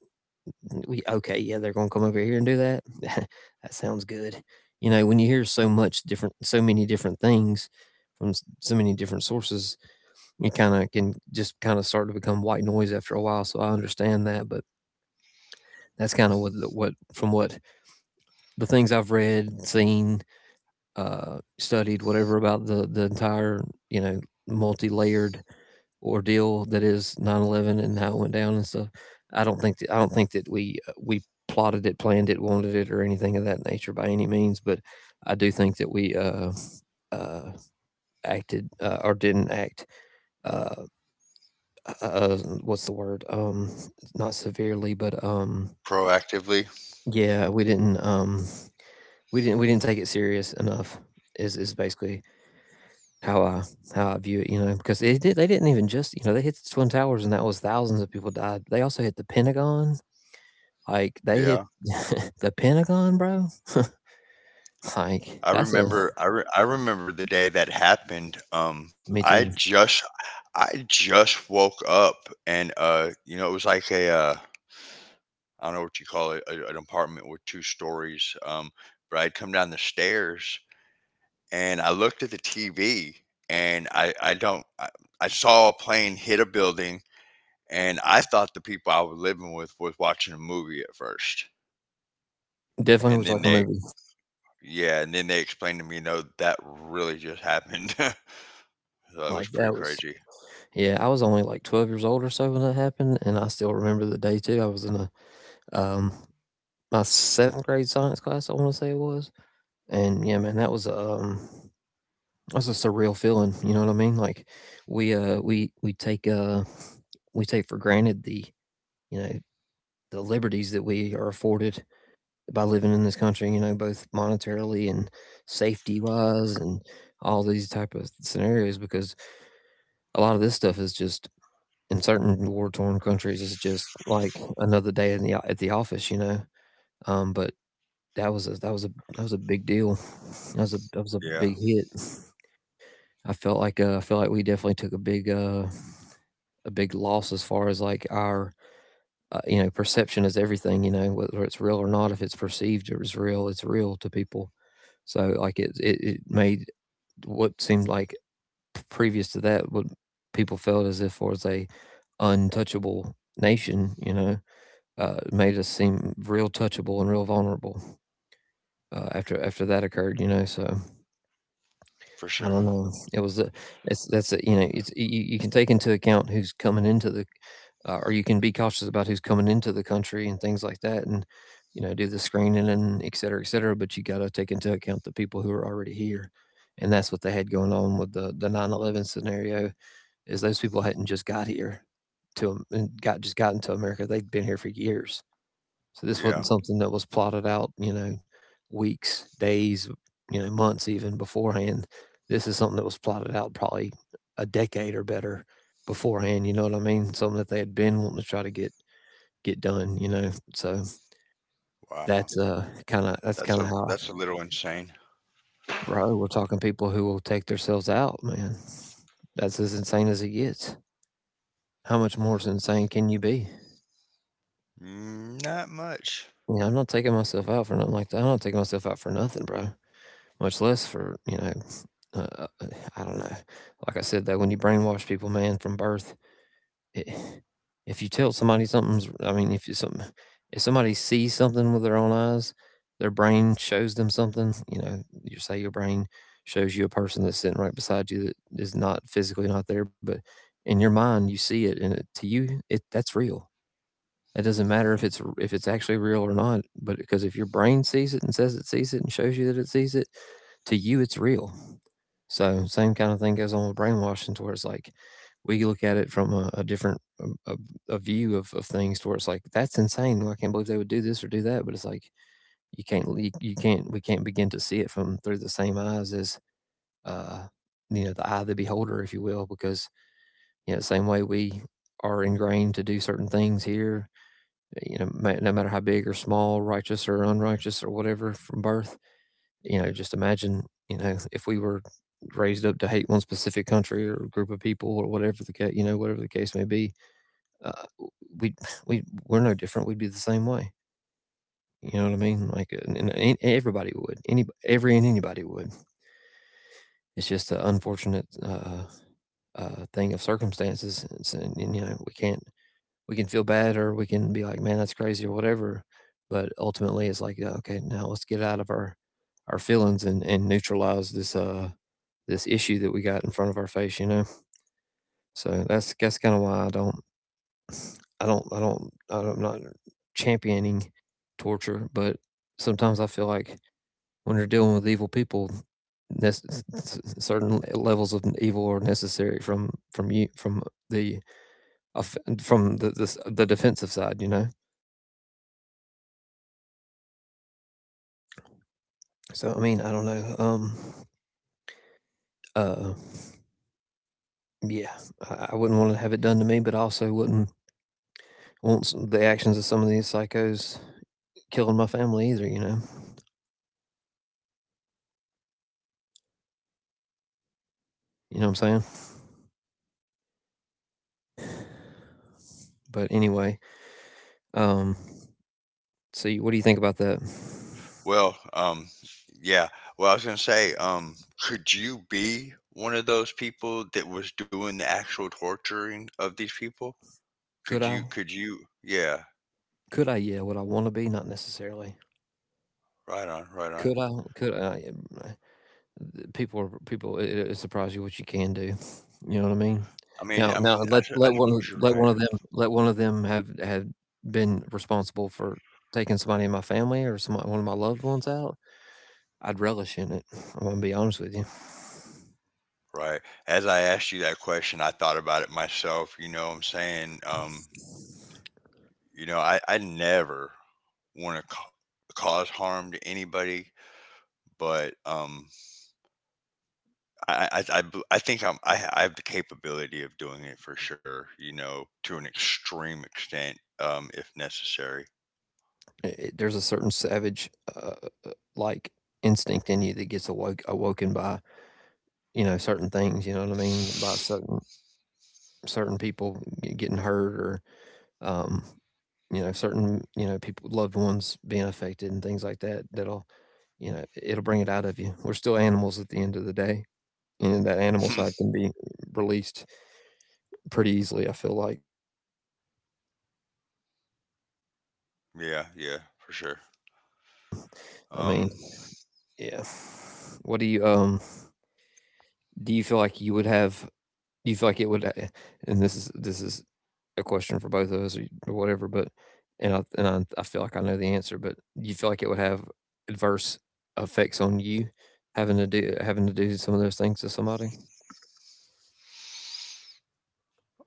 Speaker 1: we, okay, yeah, they're going to come over here and do that. That sounds good. You know, when you hear so much different, so many different things from so many different sources, it kind of can just kind of start to become white noise after a while. So I understand that, but that's kind of what from what the things I've read, seen, studied, whatever, about the entire, you know, multi layered ordeal that is 9-11 and how it went down and stuff. I don't think that we plotted it, planned it, wanted it, or anything of that nature by any means. But I do think that we uh, acted, or didn't act. Uh, uh, what's the word? Not severely, but
Speaker 2: proactively.
Speaker 1: yeah, we didn't. We didn't take it serious enough. Is basically how I how I view it, you know, because it did, they didn't even just, you know, they hit the twin towers, and that was thousands of people died. They also hit the Pentagon, like they hit
Speaker 2: Yeah.
Speaker 1: the Pentagon, bro. Like that's a
Speaker 2: I remember the day that happened.
Speaker 1: me
Speaker 2: I
Speaker 1: too.
Speaker 2: just woke up and you know, it was like a I don't know what you call it, an apartment with two stories. But I'd come down the stairs and I looked at the TV and I don't I saw a plane hit a building, and I thought the people I was living with was watching a movie at first.
Speaker 1: Definitely
Speaker 2: And
Speaker 1: was
Speaker 2: then
Speaker 1: like a
Speaker 2: they
Speaker 1: movie.
Speaker 2: yeah, and then they explained to me, no, that really just happened. So it
Speaker 1: Like
Speaker 2: was
Speaker 1: that
Speaker 2: pretty
Speaker 1: was,
Speaker 2: crazy.
Speaker 1: yeah. I was only like 12 years old or so when that happened, and I still remember the day too. I was in a um my seventh grade science class, I want to say it was, and yeah, man, that was that's a surreal feeling. You know what I mean? Like we uh we we take uh we take for granted the, you know, the liberties that we are afforded by living in this country. You know, both monetarily and safety wise, and all these type of scenarios. Because a lot of this stuff is just in certain war torn countries is just like another day in at the office. You know, but that was a that was a big deal. That was a big
Speaker 2: Yeah,
Speaker 1: hit. I felt like I feel like we definitely took a big loss as far as like our, you know, perception is everything. You know, whether it's real or not, if it's perceived as real, it's real to people. So like it made what seemed like previous to that, what people felt as if was a untouchable nation, you know, made us seem real touchable and real vulnerable, after that occurred, you know. So
Speaker 2: for
Speaker 1: I
Speaker 2: sure.
Speaker 1: don't know. It was a, it's, that's a, you know, it's, you can take into account who's coming into the, or you can be cautious about who's coming into the country and things like that, and, you know, do the screening and et cetera, et cetera. But you got to take into account the people who are already here, and that's what they had going on with the 9-11 scenario. Is those people hadn't just got here to and got just gotten to America; they'd been here for years. So this wasn't
Speaker 2: Yeah.
Speaker 1: something that was plotted out, you know, weeks, days, you know, months even beforehand. This is something that was plotted out probably a decade or better beforehand, you know what I mean? Something that they had been wanting to try to get done, you know. So
Speaker 2: Wow.
Speaker 1: that's
Speaker 2: That's
Speaker 1: kinda
Speaker 2: a,
Speaker 1: how
Speaker 2: that's a little insane.
Speaker 1: bro, we're talking people who will take themselves out, man. That's as insane as it gets. How much more insane can you be?
Speaker 2: Mm, not much.
Speaker 1: You know, I'm not taking myself out for nothing like that. I'm not taking myself out for nothing, bro. Much less for, you know. Uh, I don't know. Like I said, though, when you brainwash people, man, from birth, it, if you tell somebody something's, I mean, if you some, if somebody sees something with their own eyes, their brain shows them something. You know, you say your brain shows you a person that's sitting right beside you that is not physically not there, but in your mind you see it, and it, to you, it that's real. It doesn't matter if it's actually real or not, but because if your brain sees it and says it sees it and shows you that it sees it, to you it's real. So same kind of thing goes on with brainwashing, to where it's like we look at it from a different a view of things, to where it's like that's insane. Well, I can't believe they would do this or do that, but it's like you can't you, can't, we can't begin to see it from through the same eyes as uh you know the eye of the beholder, if you will, because, you know, the same way we are ingrained to do certain things here, you know, no matter how big or small, righteous or unrighteous or whatever, from birth, you know, just imagine, you know, if we were raised up to hate one specific country or group of people or whatever the case, you know, whatever the case may be, uh, we we we're no different. We'd be the same way. You know what I mean? Like, everybody would. Any every and anybody would. It's just an unfortunate thing of circumstances. It's, and, you know, we can't, we can feel bad, or we can be like, man, that's crazy or whatever. But ultimately, it's like, okay, now let's get out of our feelings, and neutralize this this issue that we got in front of our face, you know. So that's kind of why I don't, I'm not championing torture, but sometimes I feel like when you're dealing with evil people, nec- certain levels of evil are necessary from you from the from the defensive side, you know. So I don't know. Uh, yeah, I wouldn't want to have it done to me, but I also wouldn't want the actions of some of these psychos killing my family either. You know what I'm saying. But anyway, um, so what do you think about that?
Speaker 2: Well, yeah. Well, I was gonna say, could you be one of those people that was doing the actual torturing of these people? Could
Speaker 1: Could I?
Speaker 2: you? Could you? Yeah.
Speaker 1: Could I? Yeah, would I want to be? Not necessarily.
Speaker 2: Right on. Right on.
Speaker 1: Could I? Could I? Yeah, people are people, it surprise you what you can do, you know what I mean.
Speaker 2: I mean,
Speaker 1: Now
Speaker 2: I
Speaker 1: now
Speaker 2: mean,
Speaker 1: let
Speaker 2: I suppose you're
Speaker 1: let
Speaker 2: right.
Speaker 1: one of them let one of them have been responsible for taking somebody in my family or some one of my loved ones out. I'd relish in it. I'm gonna be honest with you.
Speaker 2: Right. As I asked you that question, I thought about it myself. You know what I'm saying, you know, I never want to cause harm to anybody, but I think I have the capability of doing it for sure. You know, to an extreme extent, if necessary.
Speaker 1: There's a certain savage like instinct in you that gets awoken by, you know, certain things, you know what I mean, by certain people getting hurt or, um, you know, certain, you know, people, loved ones being affected and things like that, that'll, you know, it'll bring it out of you. We're still animals at the end of the day. And that animal side can be released pretty easily, I feel like.
Speaker 2: Yeah, yeah, for sure.
Speaker 1: I
Speaker 2: Um,
Speaker 1: mean, yeah. What do you feel like you would have do you feel like it would and this is a question for both of us or whatever, but and I feel like I know the answer, but do you feel like it would have adverse effects on you having to do some of those things to somebody?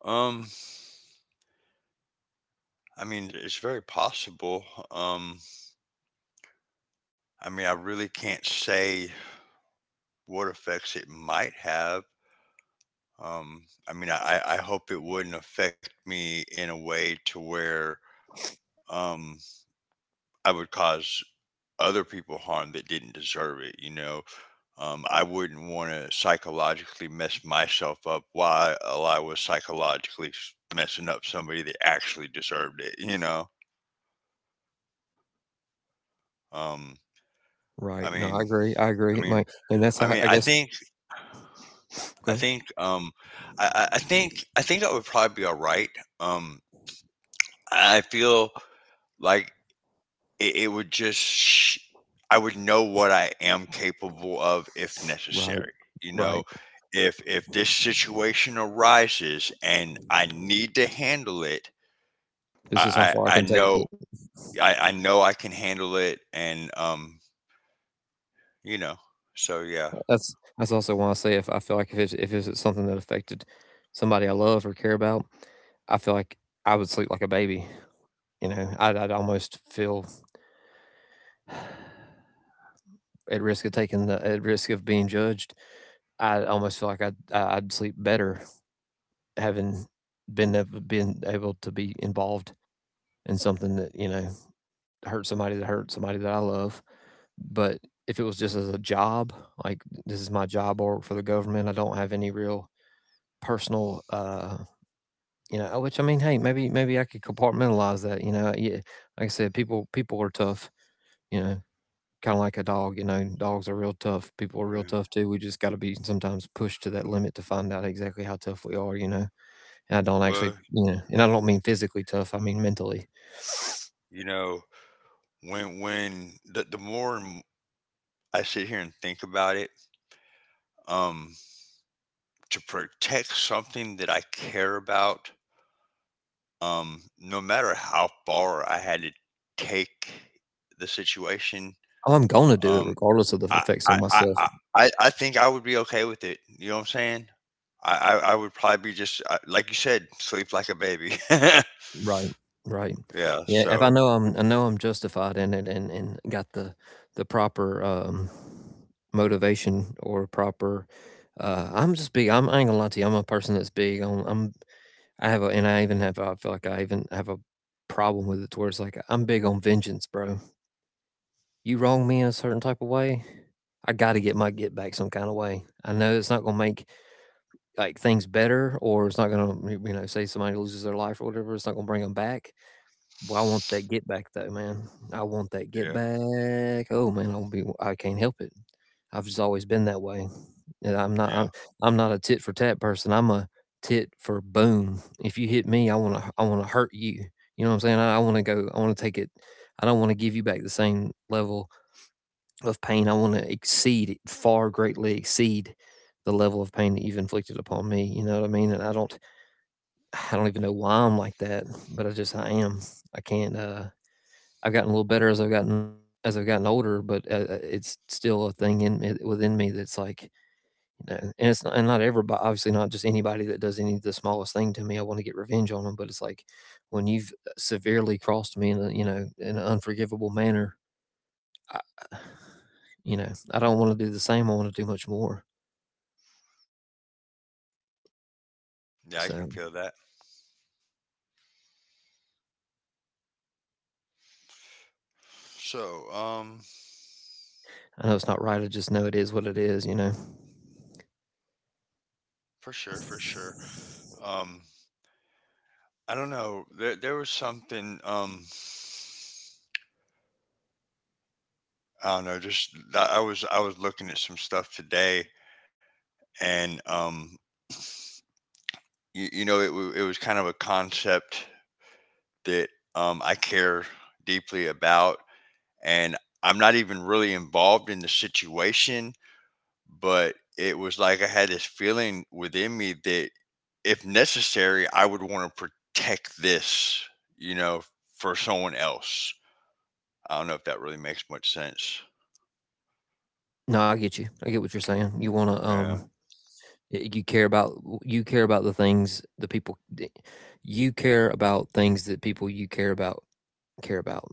Speaker 2: um, I mean, it's very possible. Um, I mean, I really can't say what effects it might have. I mean, I hope it wouldn't affect me in a way to where um I would cause other people harm that didn't deserve it. You know, I wouldn't want to psychologically mess myself up while I was psychologically messing up somebody that actually deserved it. You know, um,
Speaker 1: Right,
Speaker 2: I
Speaker 1: no, I
Speaker 2: mean,
Speaker 1: agree, I
Speaker 2: I
Speaker 1: agree,
Speaker 2: mean,
Speaker 1: Mike, and that's
Speaker 2: I
Speaker 1: how
Speaker 2: mean,
Speaker 1: I
Speaker 2: I
Speaker 1: guess.
Speaker 2: think,
Speaker 1: Go
Speaker 2: I
Speaker 1: ahead.
Speaker 2: think, I think I would probably be all right. Um, I feel like it would just I would know what I am capable of if
Speaker 1: Right,
Speaker 2: necessary, you know,
Speaker 1: right.
Speaker 2: if this situation arises and I need to handle it.
Speaker 1: This is how far I
Speaker 2: I
Speaker 1: can take
Speaker 2: know
Speaker 1: it.
Speaker 2: I know I can handle it. And you know, so yeah.
Speaker 1: That's also why I say, if I feel like, if it's something that affected somebody I love or care about, I feel like I would sleep like a baby. You know, I'd almost feel, at risk of taking the at risk of being judged, I almost feel like I would sleep better having been able to be involved in something that, you know, hurt somebody that I love. But if it was just as a job, like this is my job or for the government, I don't have any real personal, you know. Which, I mean, hey, maybe maybe I could compartmentalize that. You know, yeah, like I said, people are tough. You know, kinda like a dog, you know, dogs are real tough, people are real
Speaker 2: Uh,
Speaker 1: tough too, we just gotta be sometimes pushed to that limit to find out exactly how tough we are, you know? And I don't, actually,
Speaker 2: well,
Speaker 1: you know, and I don't mean physically tough, I mean mentally.
Speaker 2: you know, when the more and I sit here and think about it, um to protect something that I care about, no matter how far I had to take the situation,
Speaker 1: Oh, I'm gonna do it
Speaker 2: um,
Speaker 1: regardless of the
Speaker 2: I,
Speaker 1: effects on
Speaker 2: I, I,
Speaker 1: myself.
Speaker 2: I, I think I would be okay with it. You know what I'm saying? I, I would probably be just like you said, sleep like a baby.
Speaker 1: Right, right.
Speaker 2: Yeah.
Speaker 1: Yeah, if I
Speaker 2: So
Speaker 1: know I'm I know I'm justified in it, and got the proper, motivation or proper, I'm just big, I ain't gonna lie to you, I'm a person that's big on, I have a, and I even have, I feel like I even have a problem with it, to where it's like, I'm big on vengeance, bro. You wrong me in a certain type of way, I got to get my get back some kind of way. I know it's not going to make like things better, or it's not going to, you know, say somebody loses their life or whatever, it's not going to bring them back. Well, I want that get back though, man. I want that get
Speaker 2: yeah,
Speaker 1: back. Oh man, I'll be. I can't help it. I've just always been that way, and I'm not. I'm.
Speaker 2: yeah,
Speaker 1: I'm not a tit for tat person. I'm a tit for boom. If you hit me, I want to hurt you. You know what I'm saying? I want to go. I want to take it. I don't want to give you back the same level of pain. I want to exceed it, far greatly exceed the level of pain that you've inflicted upon me. You know what I mean? And I don't. I don't even know why I'm like that, but I just I am. I can't. I've gotten a little better as I've gotten older, but it's still a thing in within me that's like, you know, and it's not, and not everybody, obviously, not just anybody that does any the smallest thing to me I want to get revenge on them, but it's like when you've, severely crossed me in a, you know, in an unforgivable manner, I, uh, you know, I don't want to do the same. I want to do much more.
Speaker 2: yeah. I can
Speaker 1: So
Speaker 2: feel that. So
Speaker 1: I know it's not right. I just know it is what it is, you know.
Speaker 2: for sure, for sure. Um, I don't know. There was something. I don't know. Just I was looking at some stuff today, and you, you know, it was kind of a concept that I care deeply about. And I'm not even really involved in the situation, but it was like I had this feeling within me that if necessary, I would want to protect this, you know, for someone else. I don't know if that really makes much sense.
Speaker 1: No, I get you. I get what you're saying. You want to,
Speaker 2: Yeah.
Speaker 1: Y you care about, you care about the things the people d you care about things that people you care about care about.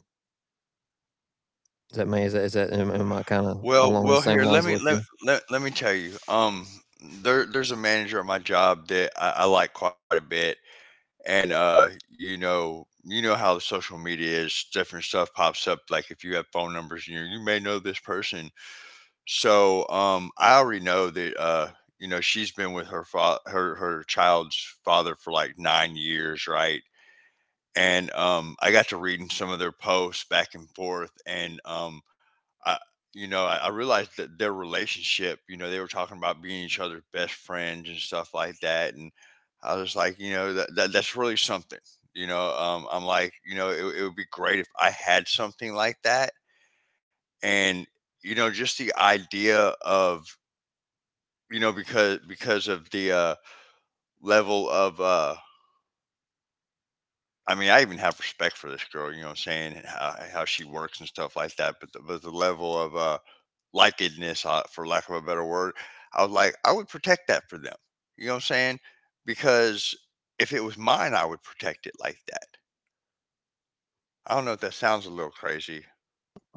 Speaker 1: Does that make, is that, am I kinda along the same
Speaker 2: Here
Speaker 1: lines of what you—
Speaker 2: let let me tell you. There there's a manager at my job that I like quite a bit, and you know, you know how social media is, different stuff pops up like if you have phone numbers and you may know this person. So I already know that you know, she's been with her her her child's father for like 9 years, right? And I got to reading some of their posts back and forth. And I, you know, I realized that their relationship, you know, they were talking about being each other's best friends and stuff like that. And I was like, you know, that that's really something. You know, I'm like, you know, it would be great if I had something like that. And you know, just the idea of, you know, because of the level of, I mean, I even have respect for this girl. You know what I'm saying, and how she works and stuff like that. But but the level of likedness, for lack of a better word. I was like, I would protect that for them. You know what I'm saying? Because if it was mine, I would protect it like that. I don't know if that sounds a little crazy.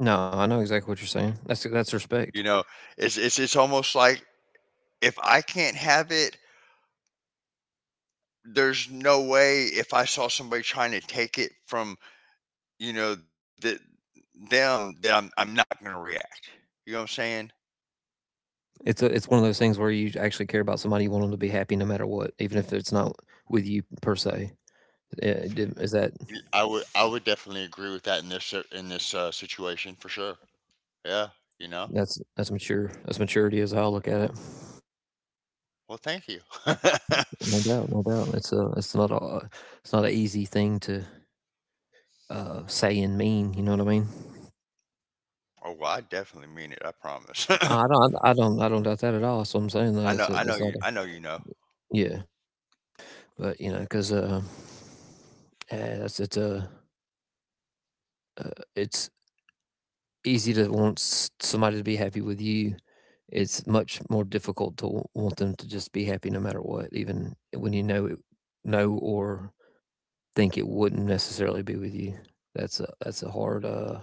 Speaker 1: No, I know exactly what you're saying. That's respect.
Speaker 2: You know, it's it's almost like if I can't have it, there's no way, if I saw somebody trying to take it from, you know, them, that I'm not going to react. You know what I'm saying?
Speaker 1: It's a, it's one of those things where you actually care about somebody, you want them to be happy no matter what, even if it's not with you per se. Eh, d is that—
Speaker 2: I would, I would definitely agree with that in this in this situation for sure. Yeah, you know.
Speaker 1: that's mature, that's maturity is how I look at it.
Speaker 2: Well, thank you. Oh,
Speaker 1: No doubt, no doubt. It's not a, it's not an easy thing to, saying mean. You know what I mean?
Speaker 2: well, I definitely mean it. I promise.
Speaker 1: I don't doubt that at all. I'm saying. Though it's,
Speaker 2: I
Speaker 1: a,
Speaker 2: know.
Speaker 1: it's
Speaker 2: I know
Speaker 1: not a,
Speaker 2: you. I know you know.
Speaker 1: yeah, but you know, because yeah, it's easy to want somebody to be happy with you. It's much more difficult to want them to just be happy no matter what, even when know or think it wouldn't necessarily be with you. That's a that's a hard uh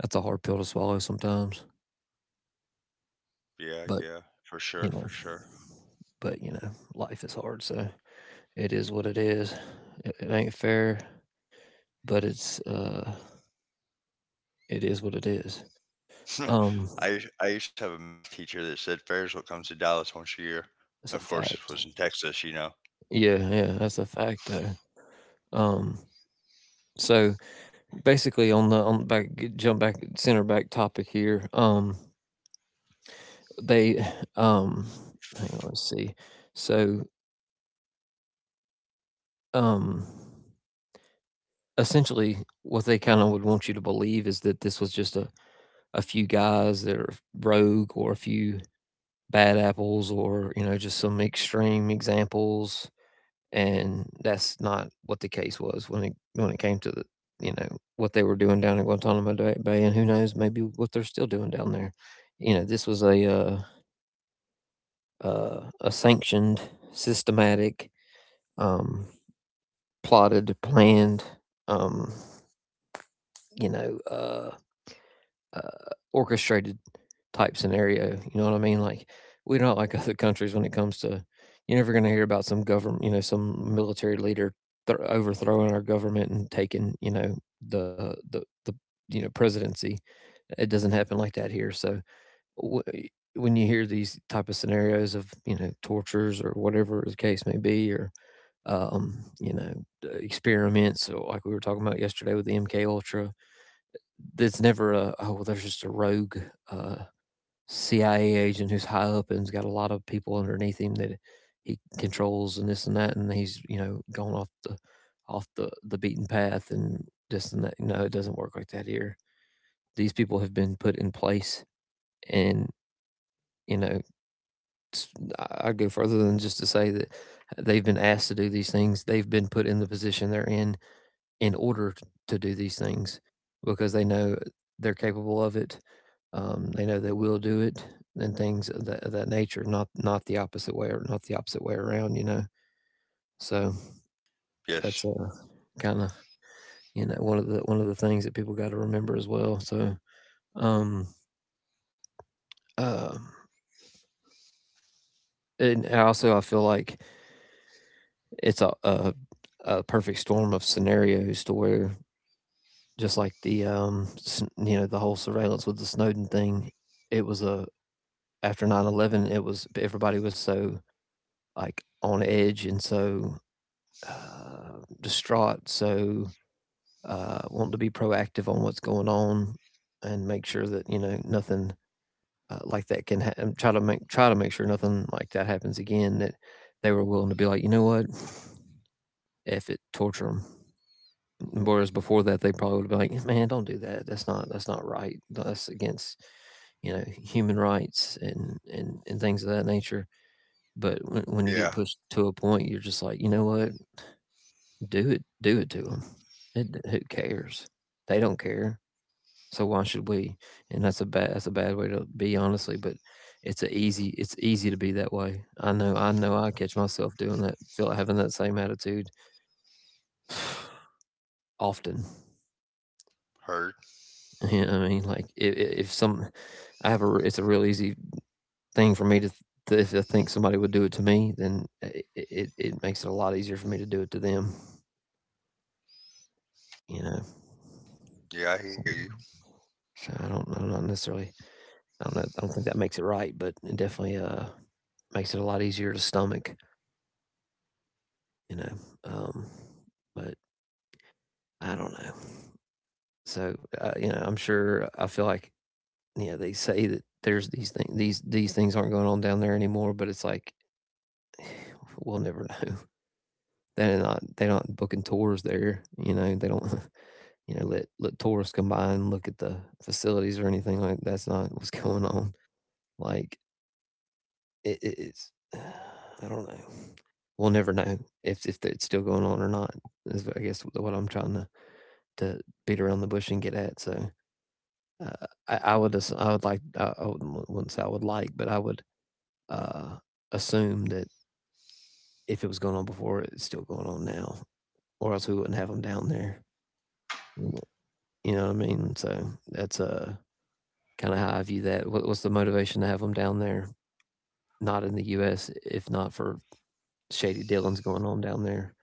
Speaker 1: that's a hard pill to swallow sometimes. But
Speaker 2: Yeah. Yeah. For
Speaker 1: you know,
Speaker 2: sure. For sure.
Speaker 1: but you know, life is hard, so it is what it is. It ain't fair, but it's it is what it is. Um,
Speaker 2: I used to have a math teacher that said Ferrisville comes to Dallas once a year.
Speaker 1: it's a
Speaker 2: Of course, this
Speaker 1: fact.
Speaker 2: was in Texas. You know.
Speaker 1: Yeah, yeah, that's a fact though. Um, so basically, on the back, jump back, center back topic here. They, um, hang on, let's see. So, um, essentially, what they kind of would want you to believe is that this was just a few guys that are rogue, or a few bad apples, or you know, just some extreme examples, and that's not what the case was when it came to the, you know, what they were doing down in Guantanamo Bay, and who knows, maybe what they're still doing down there. You know, this was a sanctioned, systematic, um plotted, planned, um you know uh uh, orchestrated type scenario. You know what I mean? Like, we're not like other countries when it comes to— you're never going to hear about some government, you know, some military leader overthrowing our government and taking, you know, the, you know, presidency. It doesn't happen like that here. So w- when you hear these type of scenarios of, you know, tortures or whatever the case may be, or, you know, experiments, or like we were talking about yesterday with the MK Ultra, it's never a, "Oh, well, there's just a rogue, uh, CIA agent who's high up and has got a lot of people underneath him that he controls and this and that, and he's, you know, gone off the the beaten path and this and that." No, it doesn't work like that here. These people have been put in place and, you know, I'd go further than just to say that they've been asked to do these things. They've been put in the position they're in order to do these things, because they know they're capable of it. They know they will do it, and things of that, nature. Not not the opposite way, or not the opposite way around, you know. So that's,
Speaker 2: Yes.
Speaker 1: kind of, you know, one of the things that people got to remember as well. So, um, um and also I feel like it's a, a perfect storm of scenarios to where, just like the, you know, the whole surveillance with the Snowden thing, it was a, after 9/11, it was, everybody was so like on edge, and so, distraught, so, wanting to be proactive on what's going on, and make sure that, you know, nothing, like that can try to make sure nothing like that happens again. That they were willing to be like, you know what, if it torture them. Whereas before that, they probably would have been like, "Yeah, man, don't do that. That's not, that's not right. That's against, you know, human rights and things of that nature." But when you get
Speaker 2: Yeah.
Speaker 1: pushed to a point, you're just like, "You know what? Do it, do it to 'em. It who cares? They don't care, so why should we?" And that's a bad way to be, honestly, but it's a easy it's easy to be that way. I know, I catch myself doing that, feel like having that same attitude often.
Speaker 2: Heard.
Speaker 1: You know what I mean? Like, I if some I have a. It's a real easy thing for me to th if I think somebody would do it to me, then I it it makes it a lot easier for me to do it to them. You know.
Speaker 2: Yeah, I
Speaker 1: So,
Speaker 2: hear you.
Speaker 1: so I don't, I'm not necessarily, I don't know, I don't think that makes it right, but it definitely makes it a lot easier to stomach, you know. Um, but I don't know. So, you know, I'm
Speaker 2: Fuck
Speaker 1: sure,
Speaker 2: me,
Speaker 1: I feel like,
Speaker 2: bruh.
Speaker 1: you know, they say that there's these things, these things aren't going on down there anymore, but it's like we'll never know. They're not, they're not booking tours there, you know. They don't you know, let let tourists come by and look at the facilities or anything, like, that's not what's going on. Like, It it's I don't know. We'll never know if it's still going on or not, is I guess what I'm trying to beat around the bush and get at. So, I would as I would like I would wouldn't say I would like, but I would, uh, assume that if it was going on before, it's still going on now, or else we wouldn't have them down there. You know what I mean? So that's, kinda how I view that. What what's the motivation to have them down there? Not in the US, if not for shady dealings going on down there,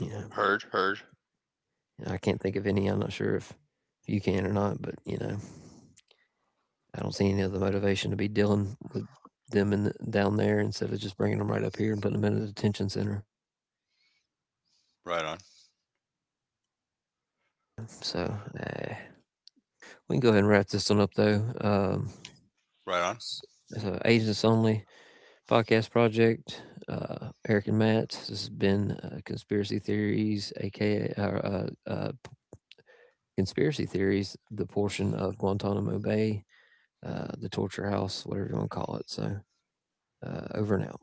Speaker 1: you know?
Speaker 2: Heard. Heard.
Speaker 1: I can't think of any. I'm not sure if you can or not, but you know, I don't see any other motivation to be dealing with them in the, down there, instead of just bringing them right up here and putting them in a detention center.
Speaker 2: Right on.
Speaker 1: So, eh, we can go ahead and wrap this one up though.
Speaker 2: Right on.
Speaker 1: It's an agents only podcast project. Eric and Matt. This has been, conspiracy theories, aka, conspiracy theories, the portion of Guantanamo Bay, the torture house, whatever you want to call it. So, over and out.